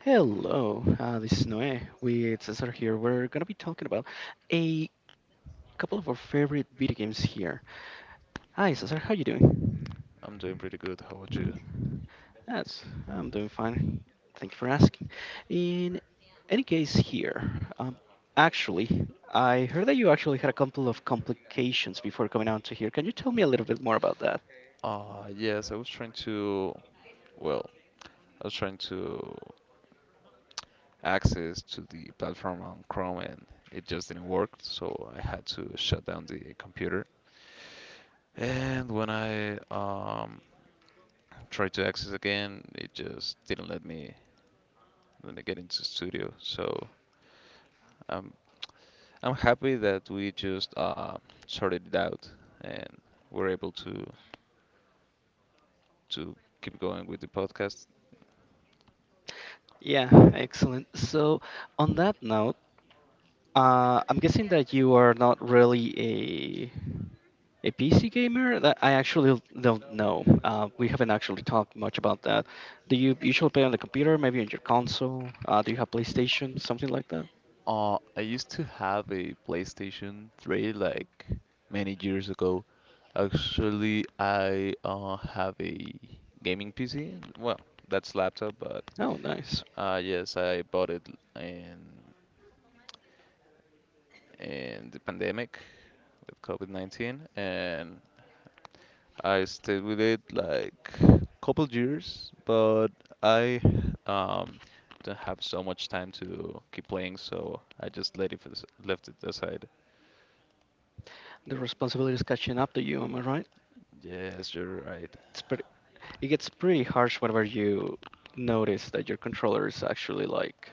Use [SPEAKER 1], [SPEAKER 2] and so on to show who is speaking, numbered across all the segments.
[SPEAKER 1] Hello, this is Noe with Cesar here. We're gonna be talking about a couple of our favorite video games here. Hi, Cesar, how you doing?
[SPEAKER 2] I'm doing pretty good. How about you?
[SPEAKER 1] Yes, I'm doing fine. Thank you for asking. In any case, here, um, actually, I heard that you actually had a couple of complications before coming out to here. Can you tell me a little bit more about that?
[SPEAKER 2] Yes, I was trying to, well, I was trying to access to the platform on Chrome and it just didn't work, so I had to shut down the computer. And when I tried to access again, it just didn't let me get into studio. So I'm I'm happy that we just sorted it out and we're able to keep going with the podcast.
[SPEAKER 1] Yeah, excellent. So, on that note, I'm guessing that you are not really a PC gamer? That I actually don't know. We haven't actually talked much about that. Do you usually play on the computer, maybe on your console? Do you have PlayStation, something like that?
[SPEAKER 2] I used to have a PlayStation 3 like many years ago. Actually, I have a gaming PC. Well, that's laptop, but
[SPEAKER 1] Oh, nice.
[SPEAKER 2] yes, I bought it in in the pandemic with COVID-19, and I stayed with it like couple years, but I um, don't have so much time to keep playing, so I just left it aside.
[SPEAKER 1] The responsibility is catching up to you, am I right?
[SPEAKER 2] Yes, you're right.
[SPEAKER 1] It's pretty, it gets pretty harsh whenever you notice that your controller is actually like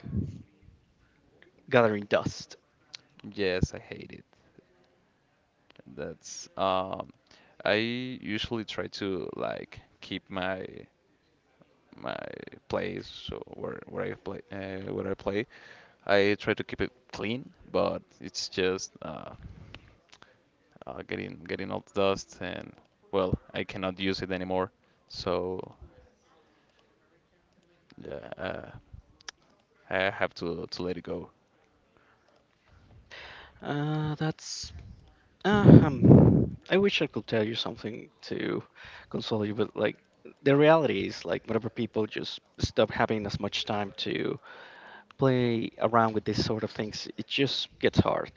[SPEAKER 1] gathering dust.
[SPEAKER 2] Yes, I hate it. That's I usually try to like keep my place or where I play where I play. I try to keep it clean, but it's just getting all the dust and well, I cannot use it anymore. So yeah, I have to let it go.
[SPEAKER 1] That's I wish I could tell you something to console you, but like the reality is, like whenever people just stop having as much time to play around with these sort of things, it just gets hard.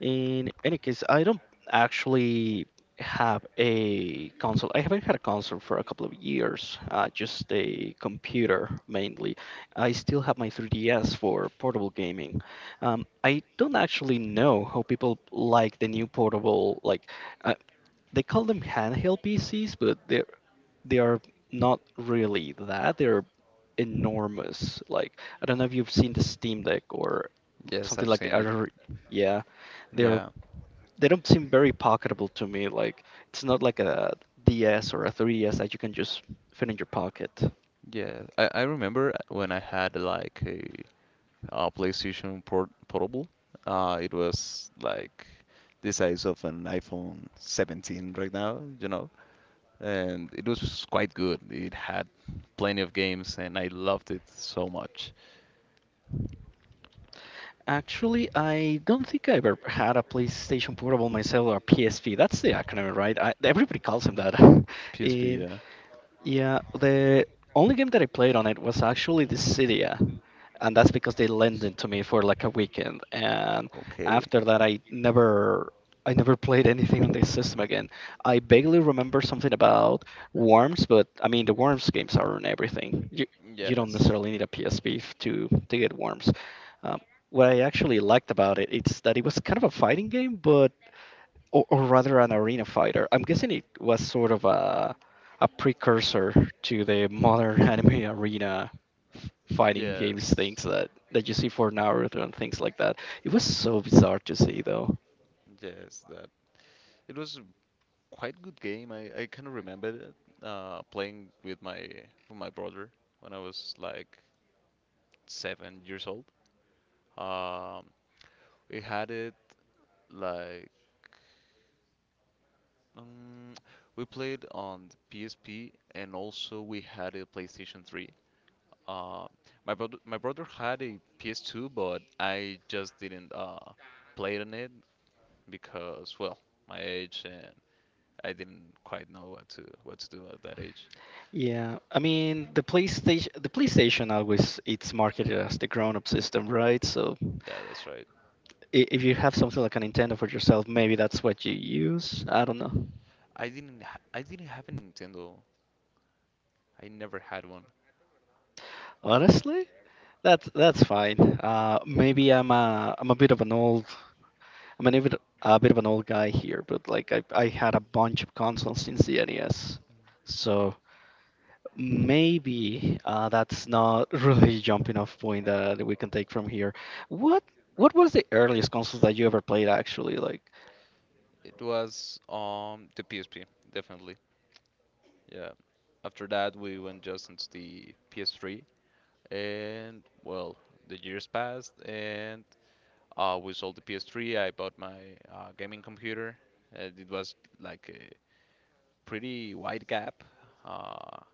[SPEAKER 1] In any case, I don't actually have a console. I haven't had a console for a couple of years, just a computer mainly. I still have my 3DS for portable gaming. I don't actually know how people like the new portable, uh, they call them handheld PCs, but they are not really that. They're enormous. Like I don't know if you've seen the Steam Deck or
[SPEAKER 2] Yes,
[SPEAKER 1] something
[SPEAKER 2] I've
[SPEAKER 1] like the
[SPEAKER 2] seen it.
[SPEAKER 1] other. Yeah, they're
[SPEAKER 2] Yeah,
[SPEAKER 1] they don't seem very pocketable to me. Like it's not like a DS or a 3DS that you can just fit in your pocket.
[SPEAKER 2] yeah. I remember when I had like a PlayStation Portable. It was like the size of an iPhone 17 right now, you know, and it was quite good. It had plenty of games, and I loved it so much.
[SPEAKER 1] Actually, I don't think I've ever had a PlayStation Portable myself or PSP. That's the acronym, right? Everybody calls him that.
[SPEAKER 2] PSP,
[SPEAKER 1] And
[SPEAKER 2] yeah.
[SPEAKER 1] Yeah, the only game that I played on it was actually the Cydia, and that's because they lent it to me for like a weekend. And
[SPEAKER 2] Okay.
[SPEAKER 1] after that, I never played anything on this system again. I vaguely remember something about Worms, but I mean the Worms games are on everything. You don't
[SPEAKER 2] Yes.
[SPEAKER 1] necessarily need a PSP to get Worms. Um, what I actually liked about it, it's that it was kind of a fighting game, but or rather an arena fighter. I'm guessing it was sort of a precursor to the modern anime arena f- fighting games
[SPEAKER 2] Yes.
[SPEAKER 1] things that you see for Naruto and things like that. It was so bizarre to see though.
[SPEAKER 2] Yes. That it was a quite good game. I kind of remember it, playing with my brother when I was like 7 years old. Um, we had it. Like, um, we played on the PSP and also we had a PlayStation 3. Uh, my brother had a PS2, but I just didn't play on it because, well, my age and I didn't quite know what to do at that age.
[SPEAKER 1] Yeah, I mean the PlayStation always it's marketed as the grown-up system, right? So
[SPEAKER 2] Yeah, that's right.
[SPEAKER 1] if you have something like a Nintendo for yourself, maybe that's what you use. I don't know.
[SPEAKER 2] I didn't have a Nintendo. I never had one.
[SPEAKER 1] Honestly, that's fine. Maybe I'm a bit of an old I am mean, even a bit of an old guy here, but like I had a bunch of consoles since the NES, so maybe that's not really jumping off point that we can take from here. What what was the earliest console that you ever played actually? Like,
[SPEAKER 2] It was the PSP, definitely. Yeah. After that, we went just into the PS3 and well, the years passed, and we sold the PS3. I bought my gaming computer. It was like a pretty wide gap uh,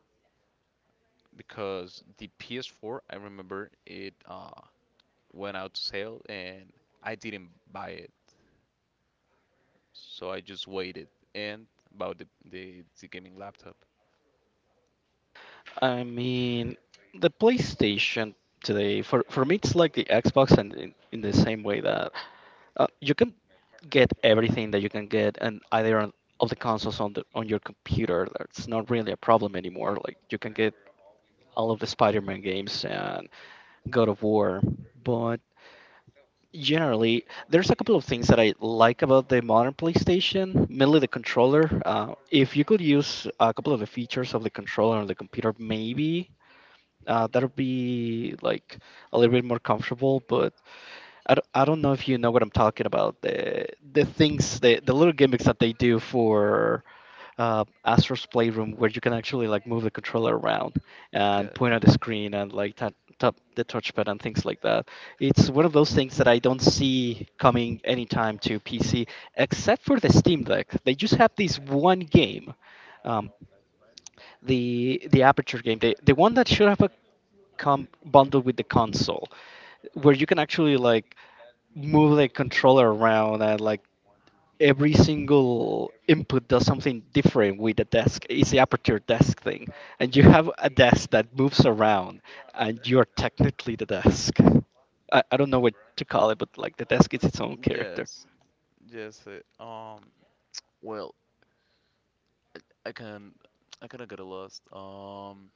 [SPEAKER 2] because the PS4, I remember it went out to sale, and I didn't buy it, so I just waited and bought the gaming laptop.
[SPEAKER 1] I mean, the PlayStation today for me it's like the Xbox and in the same way that you can get everything that you can get and either on of the consoles on the on your computer. That's not really a problem anymore. Like you can get all of the Spider-Man games and God of War, but generally there's a couple of things that I like about the modern PlayStation, mainly the controller. If you could use a couple of the features of the controller on the computer, maybe that would be like a little bit more comfortable. But I don't know if you know what I'm talking about. The little gimmicks that they do for Astro's Playroom where you can actually like move the controller around
[SPEAKER 2] Yeah,
[SPEAKER 1] and point at the screen and like tap the touchpad and things like that. It's one of those things that I don't see coming anytime to PC, except for the Steam Deck. They just have this one game, um, the Aperture game, the one that should have a come bundled with the console, where you can actually like move the controller around and like every single input does something different with the desk. It's the aperture desk thing. And you have a desk that moves around, and you're technically the desk. I don't know what to call it, but like the desk is its own character.
[SPEAKER 2] yes, yes. Well, I I can I kind of got lost.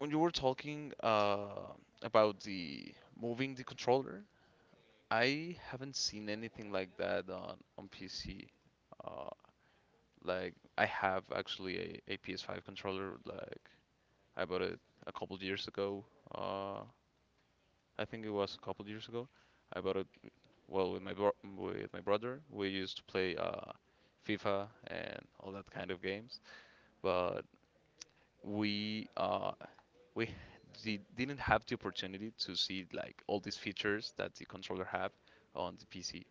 [SPEAKER 2] When you were talking about the moving the controller, I haven't seen anything like that on PC. Uh, like I have actually a PS5 controller. Like I bought it a couple years ago. Uh, I think it was a couple years ago. I bought it well with my brother. We used to play FIFA and all that kind of games. But we uh, we didn't have the opportunity to see like all these features that the controller have on the PC.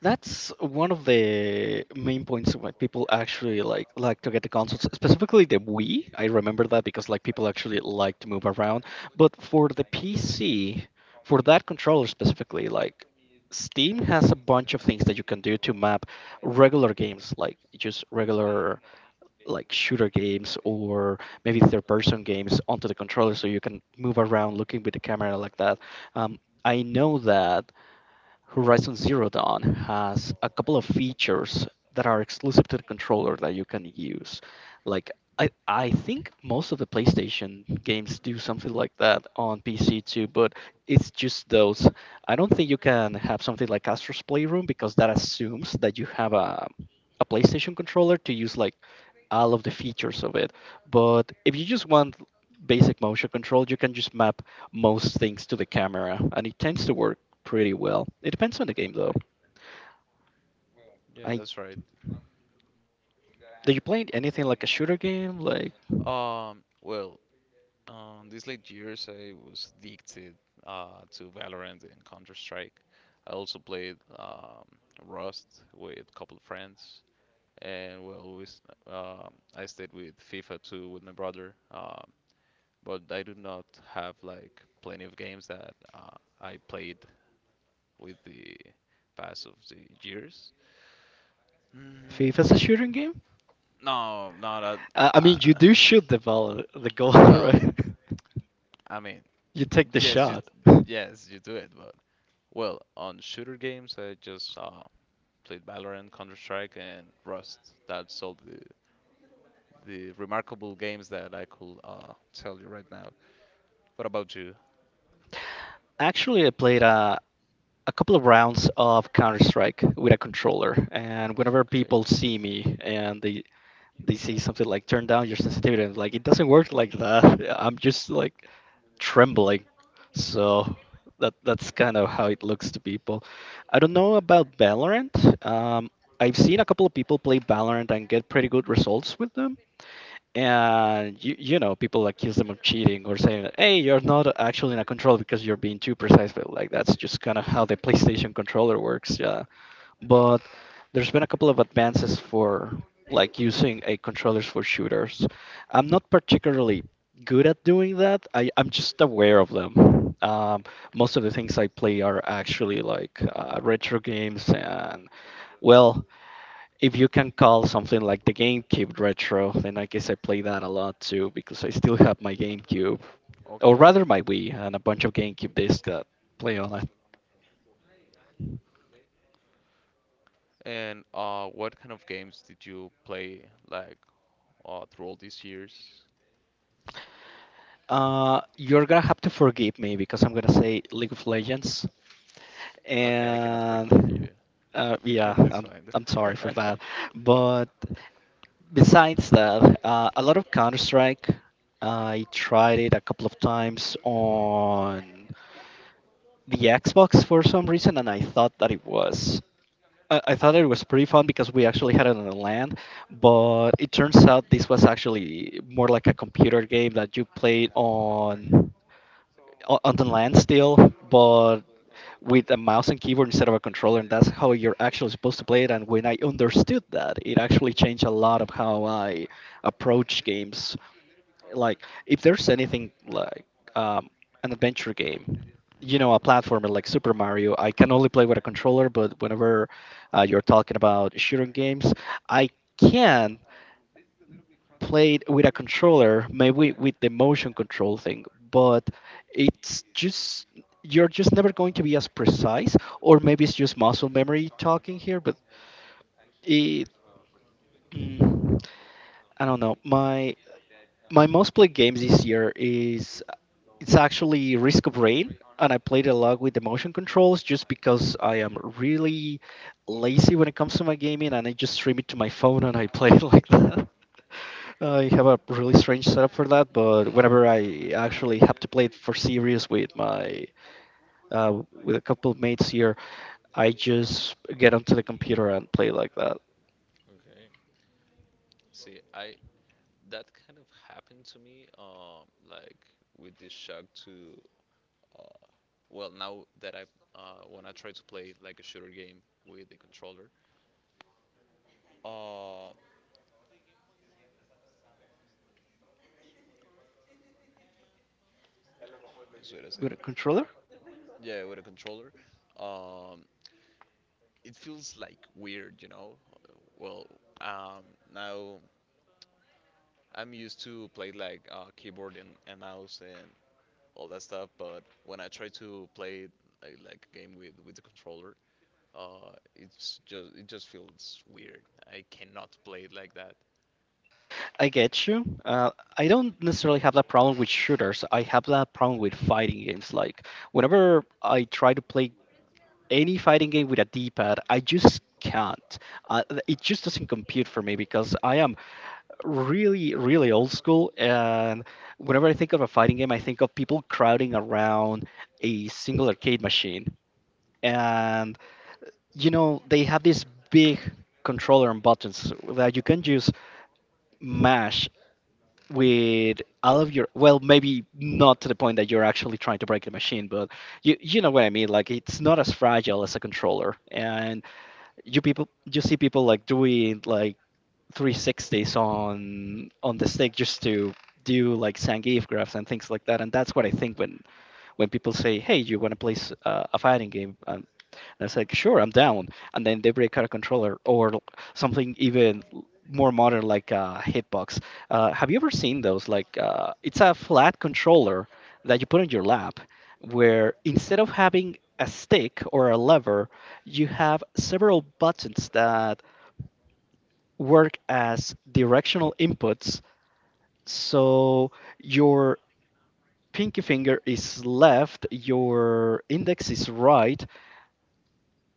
[SPEAKER 1] That's one of the main points why people actually like to get the consoles, specifically the Wii. I remember that because like people actually like to move around. But for the PC, for that controller specifically, like Steam has a bunch of things that you can do to map regular games, like just regular like shooter games or maybe third person games onto the controller so you can move around looking with the camera like that. Um, I know that Horizon Zero Dawn has a couple of features that are exclusive to the controller that you can use. Like I think most of the PlayStation games do something like that on PC too, but it's just those. I don't think you can have something like Astro's Playroom because that assumes that you have a PlayStation controller to use like all of the features of it. But if you just want basic motion control, you can just map most things to the camera, and it tends to work pretty well. It depends on the game though.
[SPEAKER 2] Yeah,
[SPEAKER 1] I
[SPEAKER 2] that's right.
[SPEAKER 1] Do you play anything like a shooter game? Like
[SPEAKER 2] Um, well, these late years I was addicted to Valorant and Counter Strike. I also played Rust with a couple of friends, and well, I stayed with FIFA too with my brother. But I do not have like plenty of games that I played with the pass of the years. Mm,
[SPEAKER 1] FIFA's a shooting game?
[SPEAKER 2] no, no, that.
[SPEAKER 1] I mean, you
[SPEAKER 2] Uh,
[SPEAKER 1] do shoot the ball, the goal,
[SPEAKER 2] well,
[SPEAKER 1] right?
[SPEAKER 2] I mean,
[SPEAKER 1] You take the
[SPEAKER 2] yes,
[SPEAKER 1] shot.
[SPEAKER 2] yes, you do it, but well, on shooter games, I just played Valorant, Counter Strike, and Rust. That's all the remarkable games that I could tell you right now. What about you?
[SPEAKER 1] Actually, I played a couple of rounds of Counter Strike with a controller, and whenever
[SPEAKER 2] Okay,
[SPEAKER 1] people see me and they see something like turn down your sensitivity, and like it doesn't work like that. I'm just like trembling. So that's kind of how it looks to people. I don't know about Valorant. Um, I've seen a couple of people play Valorant and get pretty good results with them. And you know, people accuse them of cheating or saying, "Hey, you're not actually in a controller because you're being too precise." But like that's just kind of how the PlayStation controller works. Yeah, but there's been a couple of advances for like using a controllers for shooters. I'm not particularly good at doing that. I'm just aware of them. Most of the things I play are actually like retro games and well, if you can call something like the GameCube retro, then I guess I play that a lot too because I still have my GameCube, or
[SPEAKER 2] okay.
[SPEAKER 1] rather my Wii and a bunch of GameCube discs that play on.
[SPEAKER 2] And what kind of games did you play like through all these years?
[SPEAKER 1] You're gonna have to forgive me because I'm gonna say League of Legends,
[SPEAKER 2] Okay, I cannot forgive
[SPEAKER 1] and
[SPEAKER 2] you
[SPEAKER 1] yeah,
[SPEAKER 2] at this point.
[SPEAKER 1] I'm sorry for that. But besides that, a lot of Counter Strike. I tried it a couple of times on the Xbox for some reason, and I thought that it was I thought it was pretty fun because we actually had it on the land, but it turns out this was actually more like a computer game that you played on on the land still, but with a mouse and keyboard instead of a controller, and that's how you're actually supposed to play it. And when I understood that, it actually changed a lot of how I approach games. Like, if there's anything like um, an adventure game, you know, a platformer like Super Mario, I can only play with a controller, but whenever you're talking about shooting games. I can play it with a controller, maybe with the motion control thing, but it's just you're just never going to be as precise, or maybe it's just muscle memory talking here, but it. mm, I don't know. My most played games this year is it's actually Risk of Rain, and I played a lot with the motion controls just because I am really lazy when it comes to my gaming, and I just stream it to my phone and I play it like that. I have a really strange setup for that, but whenever I actually have to play it for serious with my with a couple of mates here, I just get onto the computer and play like that
[SPEAKER 2] Okay. See, I that kind of happened to me, with this uh, now that when I try to play like a shooter game with the controller, uh, just wait a
[SPEAKER 1] with
[SPEAKER 2] second.
[SPEAKER 1] a controller.
[SPEAKER 2] Yeah, with a controller, um, it feels like weird, you know. Well, um, Now I'm used to play like keyboard and mouse and all that stuff, but when I try to play like a game with the controller, it just feels weird. I cannot play it like that.
[SPEAKER 1] I get you. I don't necessarily have that problem with shooters. I have that problem with fighting games. Like whenever I try to play any fighting game with a D-pad, I just can't. It just doesn't compute for me because I am really, really old school. And whenever I think of a fighting game, I think of people crowding around a single arcade machine, and they have this big controller and buttons that you can just mash with all of your, well, maybe not to the point that you're actually trying to break the machine, but you know what I mean. Like, it's not
[SPEAKER 2] Yes.
[SPEAKER 1] as fragile as a controller. And you see people like doing like 360s on the stick just to do like Zangief graphs and things like that. And that's what I think when people say, hey, you want to play a fighting game? And I said, sure, I'm down. And then they break out a controller or something even more modern like a hitbox. Have you ever seen those? Like, it's a flat controller that you put in your lap where instead of having a stick or a lever you have several buttons that work as directional inputs. So your pinky finger is left, your index is right,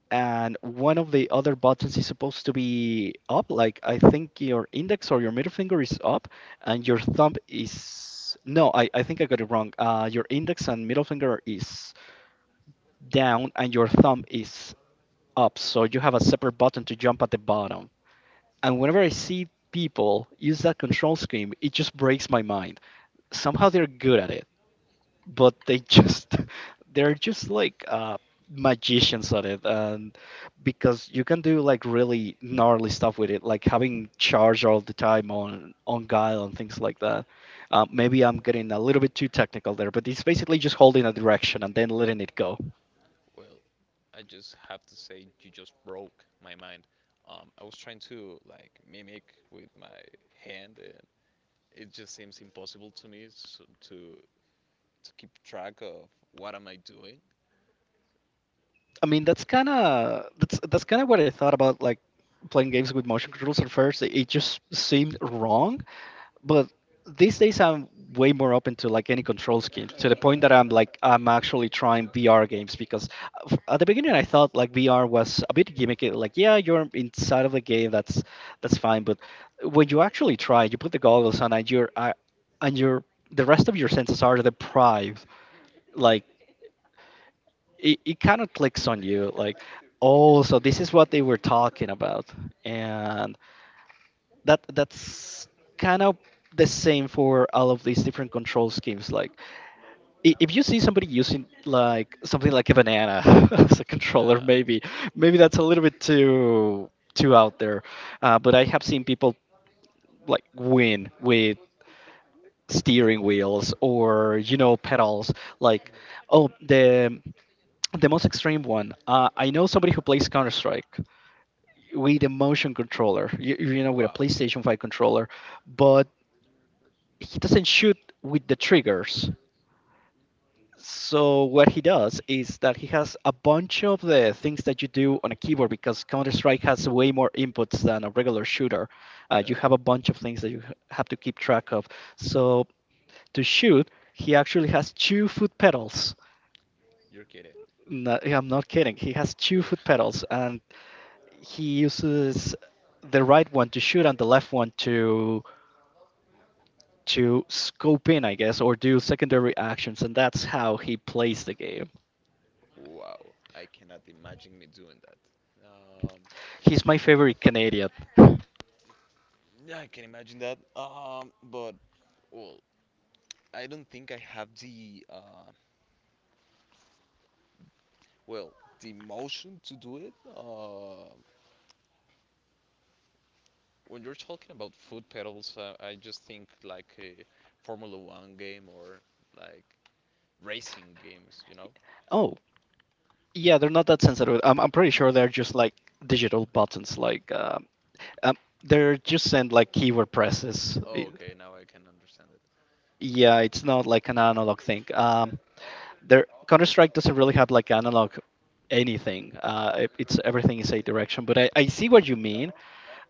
[SPEAKER 1] and one of the other buttons is supposed to be up. Like, I think your index or your middle finger is up, and your thumb is. No, I think I got it wrong. Your index and middle finger is down, and your thumb is up. So you have a separate button to jump at the bottom. And whenever I see people use that control scheme, it just breaks my mind. Somehow they're good at it, but they just they're just like, magicians at it, and because you can do like really gnarly stuff with it, like having charge all the time on guile and things like that. Maybe I'm getting a little bit too technical there, but it's basically just holding a direction and then letting it go.
[SPEAKER 2] Well, I just have to say you just broke my mind. I was trying to like mimic with my hand, and it just seems impossible to me s to keep track of what am I doing.
[SPEAKER 1] I mean, that's kind of what I thought about like playing games with motion controls at first. It just seemed wrong, but these days I'm way more open to like any control scheme to the point that I'm like, I'm actually trying VR games because at the beginning I thought like VR was a bit gimmicky. Like, yeah, you're inside of the game, that's fine, but when you actually try, you put the goggles on and you're, and are the rest of your senses are deprived. Like, it kind of clicks on you like, oh, so this is what they were talking about. And that's kind of the same for all of these different control schemes. Like, if you see somebody using like something like a banana as a controller,
[SPEAKER 2] Yeah.
[SPEAKER 1] maybe that's a little bit too out there. But I have seen people like win with steering wheels or, pedals. Like, oh, the most extreme one. I know somebody who plays Counter-Strike with a motion controller, you know, with a
[SPEAKER 2] Wow.
[SPEAKER 1] PlayStation 5 controller. But he doesn't shoot with the triggers. So what he does is that he has a bunch of the things that you do on a keyboard because Counter Strike has way more inputs than a regular shooter. You have
[SPEAKER 2] Yes,
[SPEAKER 1] a bunch of things that you have to keep track of. So to shoot, he actually has two-foot pedals.
[SPEAKER 2] you're kidding.
[SPEAKER 1] No, I'm not kidding. He has two
[SPEAKER 2] You're
[SPEAKER 1] foot pedals, and he uses the right one to shoot and the left one to scope in, I guess, or do secondary actions, and that's how he plays the game.
[SPEAKER 2] wow. I cannot imagine me doing that. Um,
[SPEAKER 1] He's my favorite Canadian.
[SPEAKER 2] yeah, I can imagine that. But well, I don't think I have the well the emotion to do it. When you're talking about foot pedals, I just think like a Formula One game or like racing games. You know?
[SPEAKER 1] Oh, yeah, they're not that sensitive. I'm pretty sure they're just like digital buttons. Like, um, they're just sent like keyword presses.
[SPEAKER 2] Oh, okay, now I can understand it.
[SPEAKER 1] Yeah, it's not like an analog thing. There, Counter Strike doesn't really have like analog anything. It- it's Everything is a direction. But I see what you mean,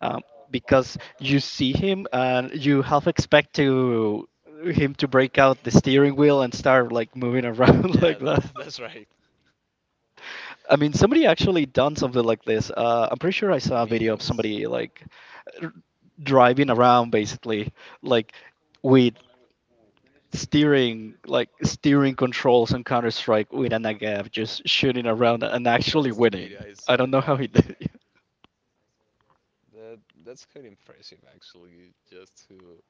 [SPEAKER 1] um, because you see him and you half expect to him to break out the steering wheel and start like moving around like
[SPEAKER 2] Yeah,
[SPEAKER 1] that.
[SPEAKER 2] that, that's right.
[SPEAKER 1] I mean, somebody actually done something like this. I'm pretty sure I
[SPEAKER 2] I've
[SPEAKER 1] saw a
[SPEAKER 2] seen
[SPEAKER 1] video of
[SPEAKER 2] videos.
[SPEAKER 1] somebody like r- driving around basically, like with steering, like steering controls on Counter Strike with a Nagav, just shooting around and actually
[SPEAKER 2] That's the
[SPEAKER 1] winning.
[SPEAKER 2] video I
[SPEAKER 1] I
[SPEAKER 2] saw.
[SPEAKER 1] don't know how
[SPEAKER 2] Yeah,
[SPEAKER 1] he did it.
[SPEAKER 2] that that's quite impressive actually. Just to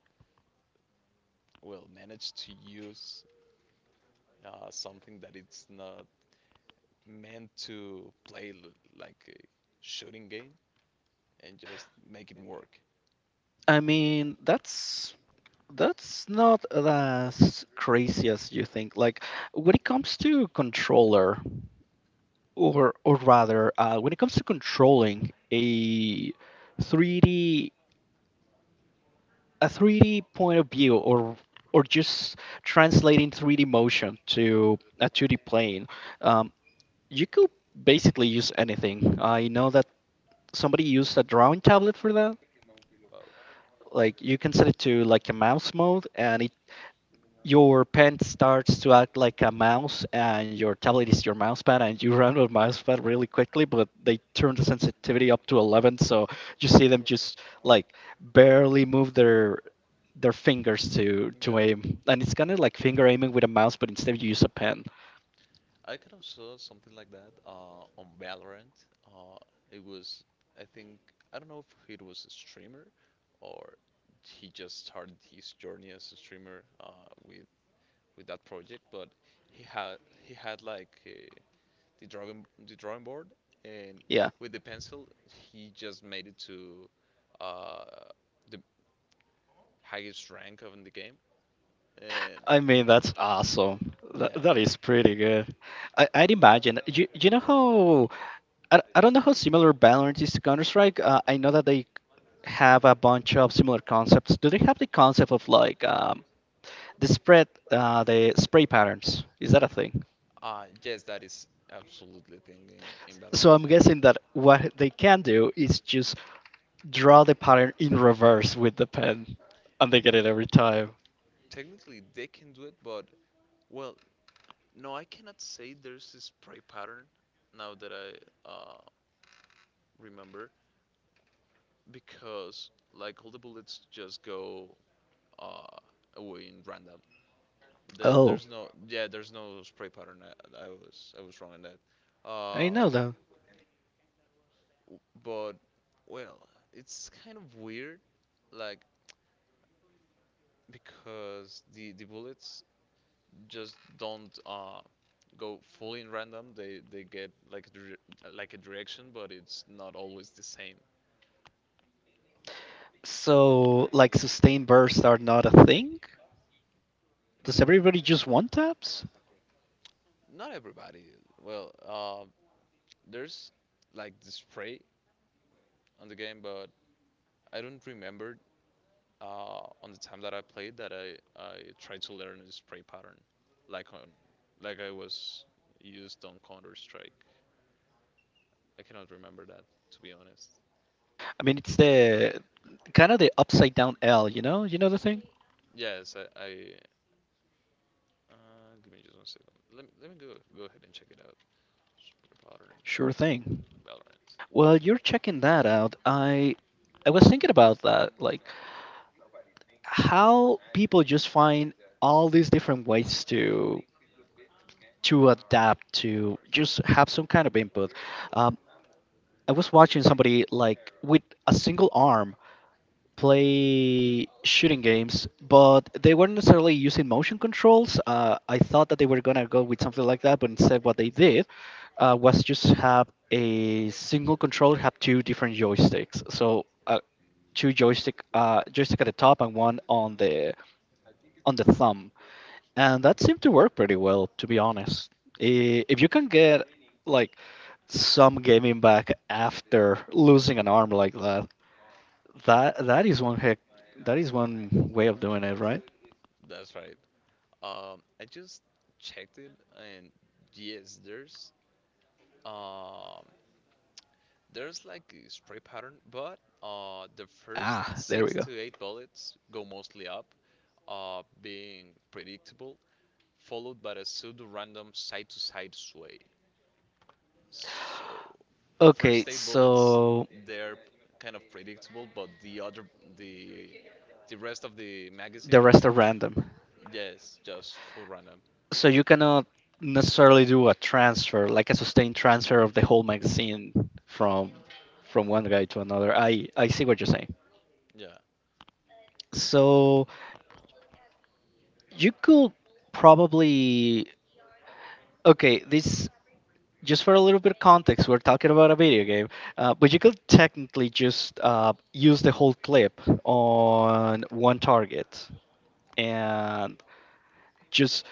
[SPEAKER 2] Well, manage to use something that it's not meant to play like a shooting game and just make it work.
[SPEAKER 1] I mean, that's not as crazy as you think. Like, when it comes to controller, or rather, when it comes to controlling a 3D, a 3D point of view, or just translating 3D motion to a 2D plane. um, you could basically use anything. I know that somebody used a drawing tablet for that.
[SPEAKER 2] Wow.
[SPEAKER 1] Like, you can set it to like a mouse mode, and it your pen starts to act like a mouse, and your tablet is your mouse pad, and you run with mouse pad really quickly. But they turn the sensitivity up to 11, so you see them just like barely move their fingers to
[SPEAKER 2] Yeah,
[SPEAKER 1] aim, and it's kind of like finger aiming with a mouse, but instead you use a pen.
[SPEAKER 2] I kind of saw something like that on Valorant. It was, I think, I don't know if it was a streamer or he just started his journey as a streamer with that project, but he had he had like the drawing board and
[SPEAKER 1] Yeah.
[SPEAKER 2] with the pencil he just made it to uh, the highest rank of in the game. And
[SPEAKER 1] I mean, that's awesome. That
[SPEAKER 2] yeah,
[SPEAKER 1] is pretty good. I'd imagine. You know how? I don't know how similar Valorant is to Counter Strike. I know that they have a bunch of similar concepts. Do they have the concept of like, the spread, the spray patterns? Is that a thing?
[SPEAKER 2] yes, that is absolutely a thing in
[SPEAKER 1] So I'm
[SPEAKER 2] Valorant.
[SPEAKER 1] guessing that what they can do is just draw the pattern in reverse with the pen, and they get it every time.
[SPEAKER 2] Technically, they can do it, but well, no, I cannot say there's a spray pattern now that I remember because like all the bullets just go uh, away in random. There,
[SPEAKER 1] Oh,
[SPEAKER 2] there's no yeah, there's no spray pattern. I was wrong in that.
[SPEAKER 1] I know
[SPEAKER 2] Uh,
[SPEAKER 1] that.
[SPEAKER 2] but well, it's kind of weird like because the bullets just don't go fully in random. They get like a like a direction, but it's not always the same.
[SPEAKER 1] So, like, sustained bursts are not a thing? Does
[SPEAKER 2] Mm,
[SPEAKER 1] everybody just want taps?
[SPEAKER 2] not everybody. Well, there's like the spray on the game, but I don't remember on the time that I played that I tried to learn a spray pattern, like on like I was used on Counter Strike. I cannot remember that to be honest.
[SPEAKER 1] I mean, it's the kind of the upside down L, you know? You know the thing?
[SPEAKER 2] Yes, I Uh, give me just 1 second. Let me go ahead and check it out. Street Fighter
[SPEAKER 1] Sure
[SPEAKER 2] and
[SPEAKER 1] thing.
[SPEAKER 2] Valorant.
[SPEAKER 1] Well, you're checking that out. I was thinking about that, like how people just find all these different ways to adapt to just have some kind of input. Um, I was watching somebody like with a single arm play shooting games, but they weren't necessarily using motion controls. I thought that they were gonna go with something like that, but instead, what they did, was just have a single controller have two different joysticks. So, two joystick, joystick at the top and one on the thumb, and that
[SPEAKER 2] Okay,
[SPEAKER 1] seemed to work pretty well, to be honest. If you can get like some gaming back after losing an arm like that, that is one heck. That is one way of doing it, right?
[SPEAKER 2] that's right. I just checked it, and yes, um there's like a spray pattern, but the first
[SPEAKER 1] Ah, there we
[SPEAKER 2] six
[SPEAKER 1] go.
[SPEAKER 2] to eight bullets go mostly up, being predictable, followed by a pseudo-random side-to-side sway. So the
[SPEAKER 1] Okay,
[SPEAKER 2] first 8 bullets
[SPEAKER 1] so
[SPEAKER 2] they're kind of predictable, but the the rest of the
[SPEAKER 1] the
[SPEAKER 2] magazine,
[SPEAKER 1] rest are random.
[SPEAKER 2] yes, just full random.
[SPEAKER 1] So you cannot necessarily do a transfer, like a sustained transfer of the whole magazine from one guy to another. I see what you're saying.
[SPEAKER 2] Yeah,
[SPEAKER 1] So you could probably Okay, this just for a little bit of context, we're talking about a video game, but you could technically just use the whole clip on one target and just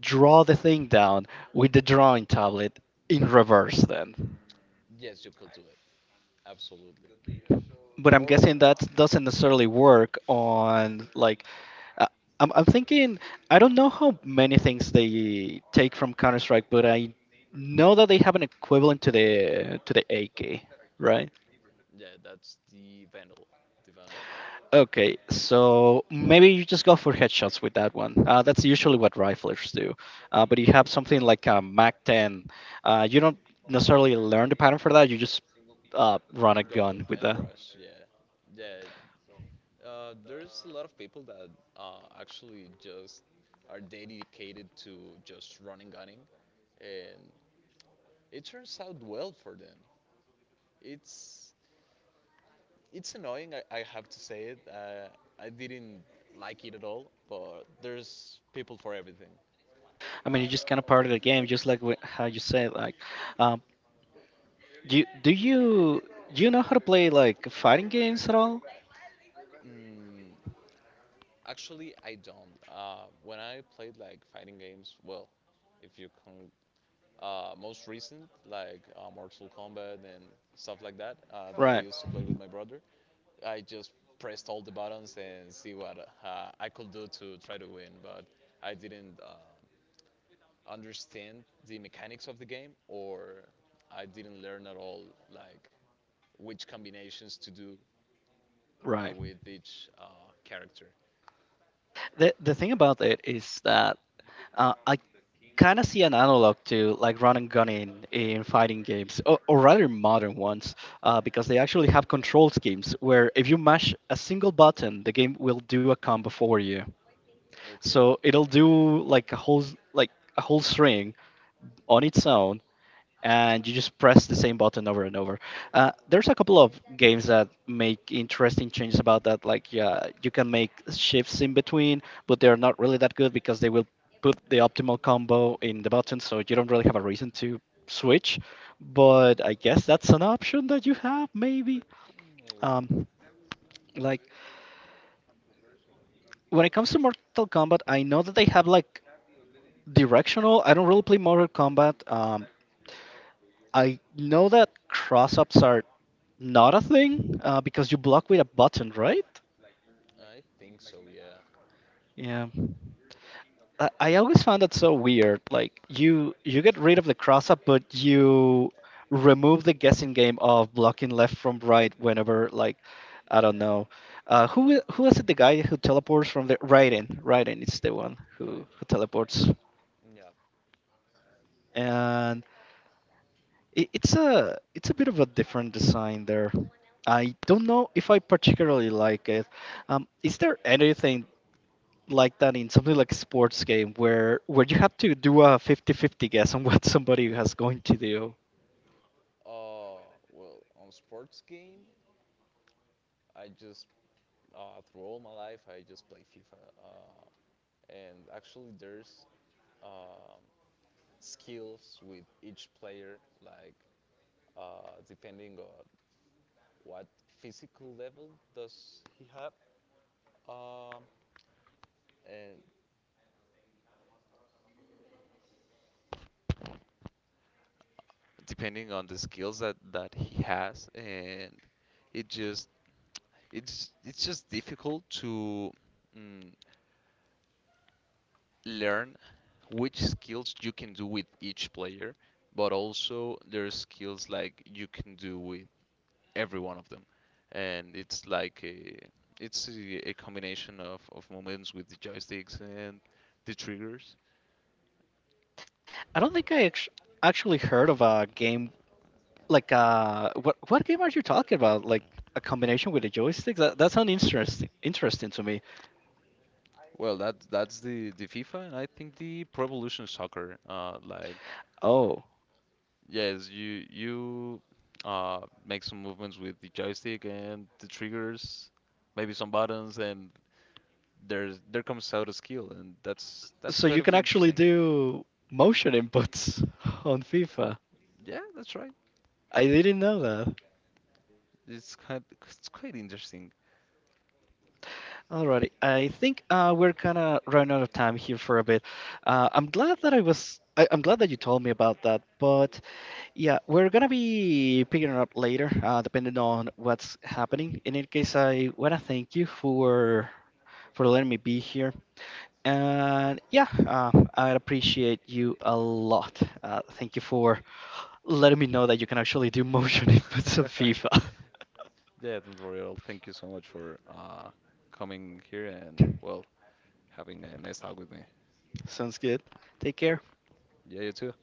[SPEAKER 1] draw the thing down with the drawing tablet in reverse then.
[SPEAKER 2] yes, you could do it absolutely.
[SPEAKER 1] But I'm
[SPEAKER 2] Or
[SPEAKER 1] guessing that doesn't necessarily work on like, uh, I'm thinking I don't know how many things they take from Counter Strike, but I know that they have an equivalent to the AK, right?
[SPEAKER 2] yeah, that's the vandal, the vandal.
[SPEAKER 1] Okay, so maybe you just go for headshots with that one. That's usually what riflers do. But you have something like a Mac 10. You don't necessarily learn the pattern for that. You just, run a
[SPEAKER 2] Go
[SPEAKER 1] gun with
[SPEAKER 2] and
[SPEAKER 1] that.
[SPEAKER 2] rush. Yeah, yeah. There's a lot of people that actually just are dedicated to just running gunning, and it turns out well for them. It's It's annoying, I have to say it. I didn't like it at all, but there's people for everything.
[SPEAKER 1] I mean, you just kind of part of the game, just like how you said. Like, um, do you do you do you know how to play like fighting games at all?
[SPEAKER 2] Mm, Actually, I don't. When I played like fighting games, well, if you can, most recent like Mortal Kombat and stuff like that that I
[SPEAKER 1] Right,
[SPEAKER 2] used to play with my brother, I just pressed all the buttons and see what I could do to try to win, but I didn't understand the mechanics of the game, or I didn't learn at all like which combinations to do
[SPEAKER 1] right.
[SPEAKER 2] with each character.
[SPEAKER 1] The thing about it is that. I kind of see an analog to like run and gun in fighting games, or, rather modern ones, because they actually have control schemes where if you mash a single button, the game will do a combo for you.
[SPEAKER 2] Okay,
[SPEAKER 1] So it'll do like a whole s- like a whole string on its own and you just press the same button over and over. There's a couple of games that make interesting changes about that. Like, yeah, you can make shifts in between, but they're not really that good because they will put the optimal combo in the button, so you don't really have a reason to switch. But I guess that's an option that you have maybe.
[SPEAKER 2] maybe.
[SPEAKER 1] Um, like, when it comes to Mortal Kombat, I know that they have like directional. I don't really play Mortal Kombat. I know that cross ups are not a thing, because you block with a button, right?
[SPEAKER 2] I think so. Yeah,
[SPEAKER 1] Yeah. I always found that so weird. Like, you get rid of the cross up, but you remove the guessing game of blocking left from right whenever like I don't know. Who was it? The guy who teleports from the Raiden. Raiden is the one
[SPEAKER 2] right.
[SPEAKER 1] who teleports.
[SPEAKER 2] Yeah.
[SPEAKER 1] And it's a bit of a different design there. I don't know if I particularly like it. Is there anything like that in something like a sports game where you have to do a 50/50 guess on what somebody has going to do?
[SPEAKER 2] Uh, well, on sports game, I just through all my life I just play FIFA, uh, and actually there's um skills with each player like depending on what physical level does he have, um, and depending on the skills that he has and it just it's just difficult to mm, learn which skills you can do with each player, but also there are skills like you can do with every one of them and it's like a it's a combination of movements with the joysticks and the triggers.
[SPEAKER 1] I don't think I actually heard of a game like, what game are you talking about? Like a combination with a joystick? That sounds interesting to me.
[SPEAKER 2] Well, that that's the FIFA, and I think the Pro Evolution Soccer.
[SPEAKER 1] Oh,
[SPEAKER 2] Yes, you make some movements with the joystick and the triggers, maybe some buttons, and there comes out a skill, and that's
[SPEAKER 1] so
[SPEAKER 2] kind
[SPEAKER 1] you
[SPEAKER 2] of
[SPEAKER 1] can actually
[SPEAKER 2] interesting.
[SPEAKER 1] do motion inputs on FIFA.
[SPEAKER 2] Yeah, that's right.
[SPEAKER 1] I didn't know that.
[SPEAKER 2] It's quite interesting.
[SPEAKER 1] Alrighty, I think, we're kind of running out of time here for a bit. I'm glad that I was. I'm glad that you told me about that. But yeah, we're gonna be picking it up later, depending on what's happening. In any case, I wanna thank you for letting me be here. And yeah, I appreciate you a lot. Thank you for letting me know that you can actually do motion inputs on FIFA.
[SPEAKER 2] Yeah, don't worry at all. Thank you so much for coming here and well having a nice talk with me.
[SPEAKER 1] Sounds good. Take
[SPEAKER 2] Per-
[SPEAKER 1] care.
[SPEAKER 2] Yeah, you too.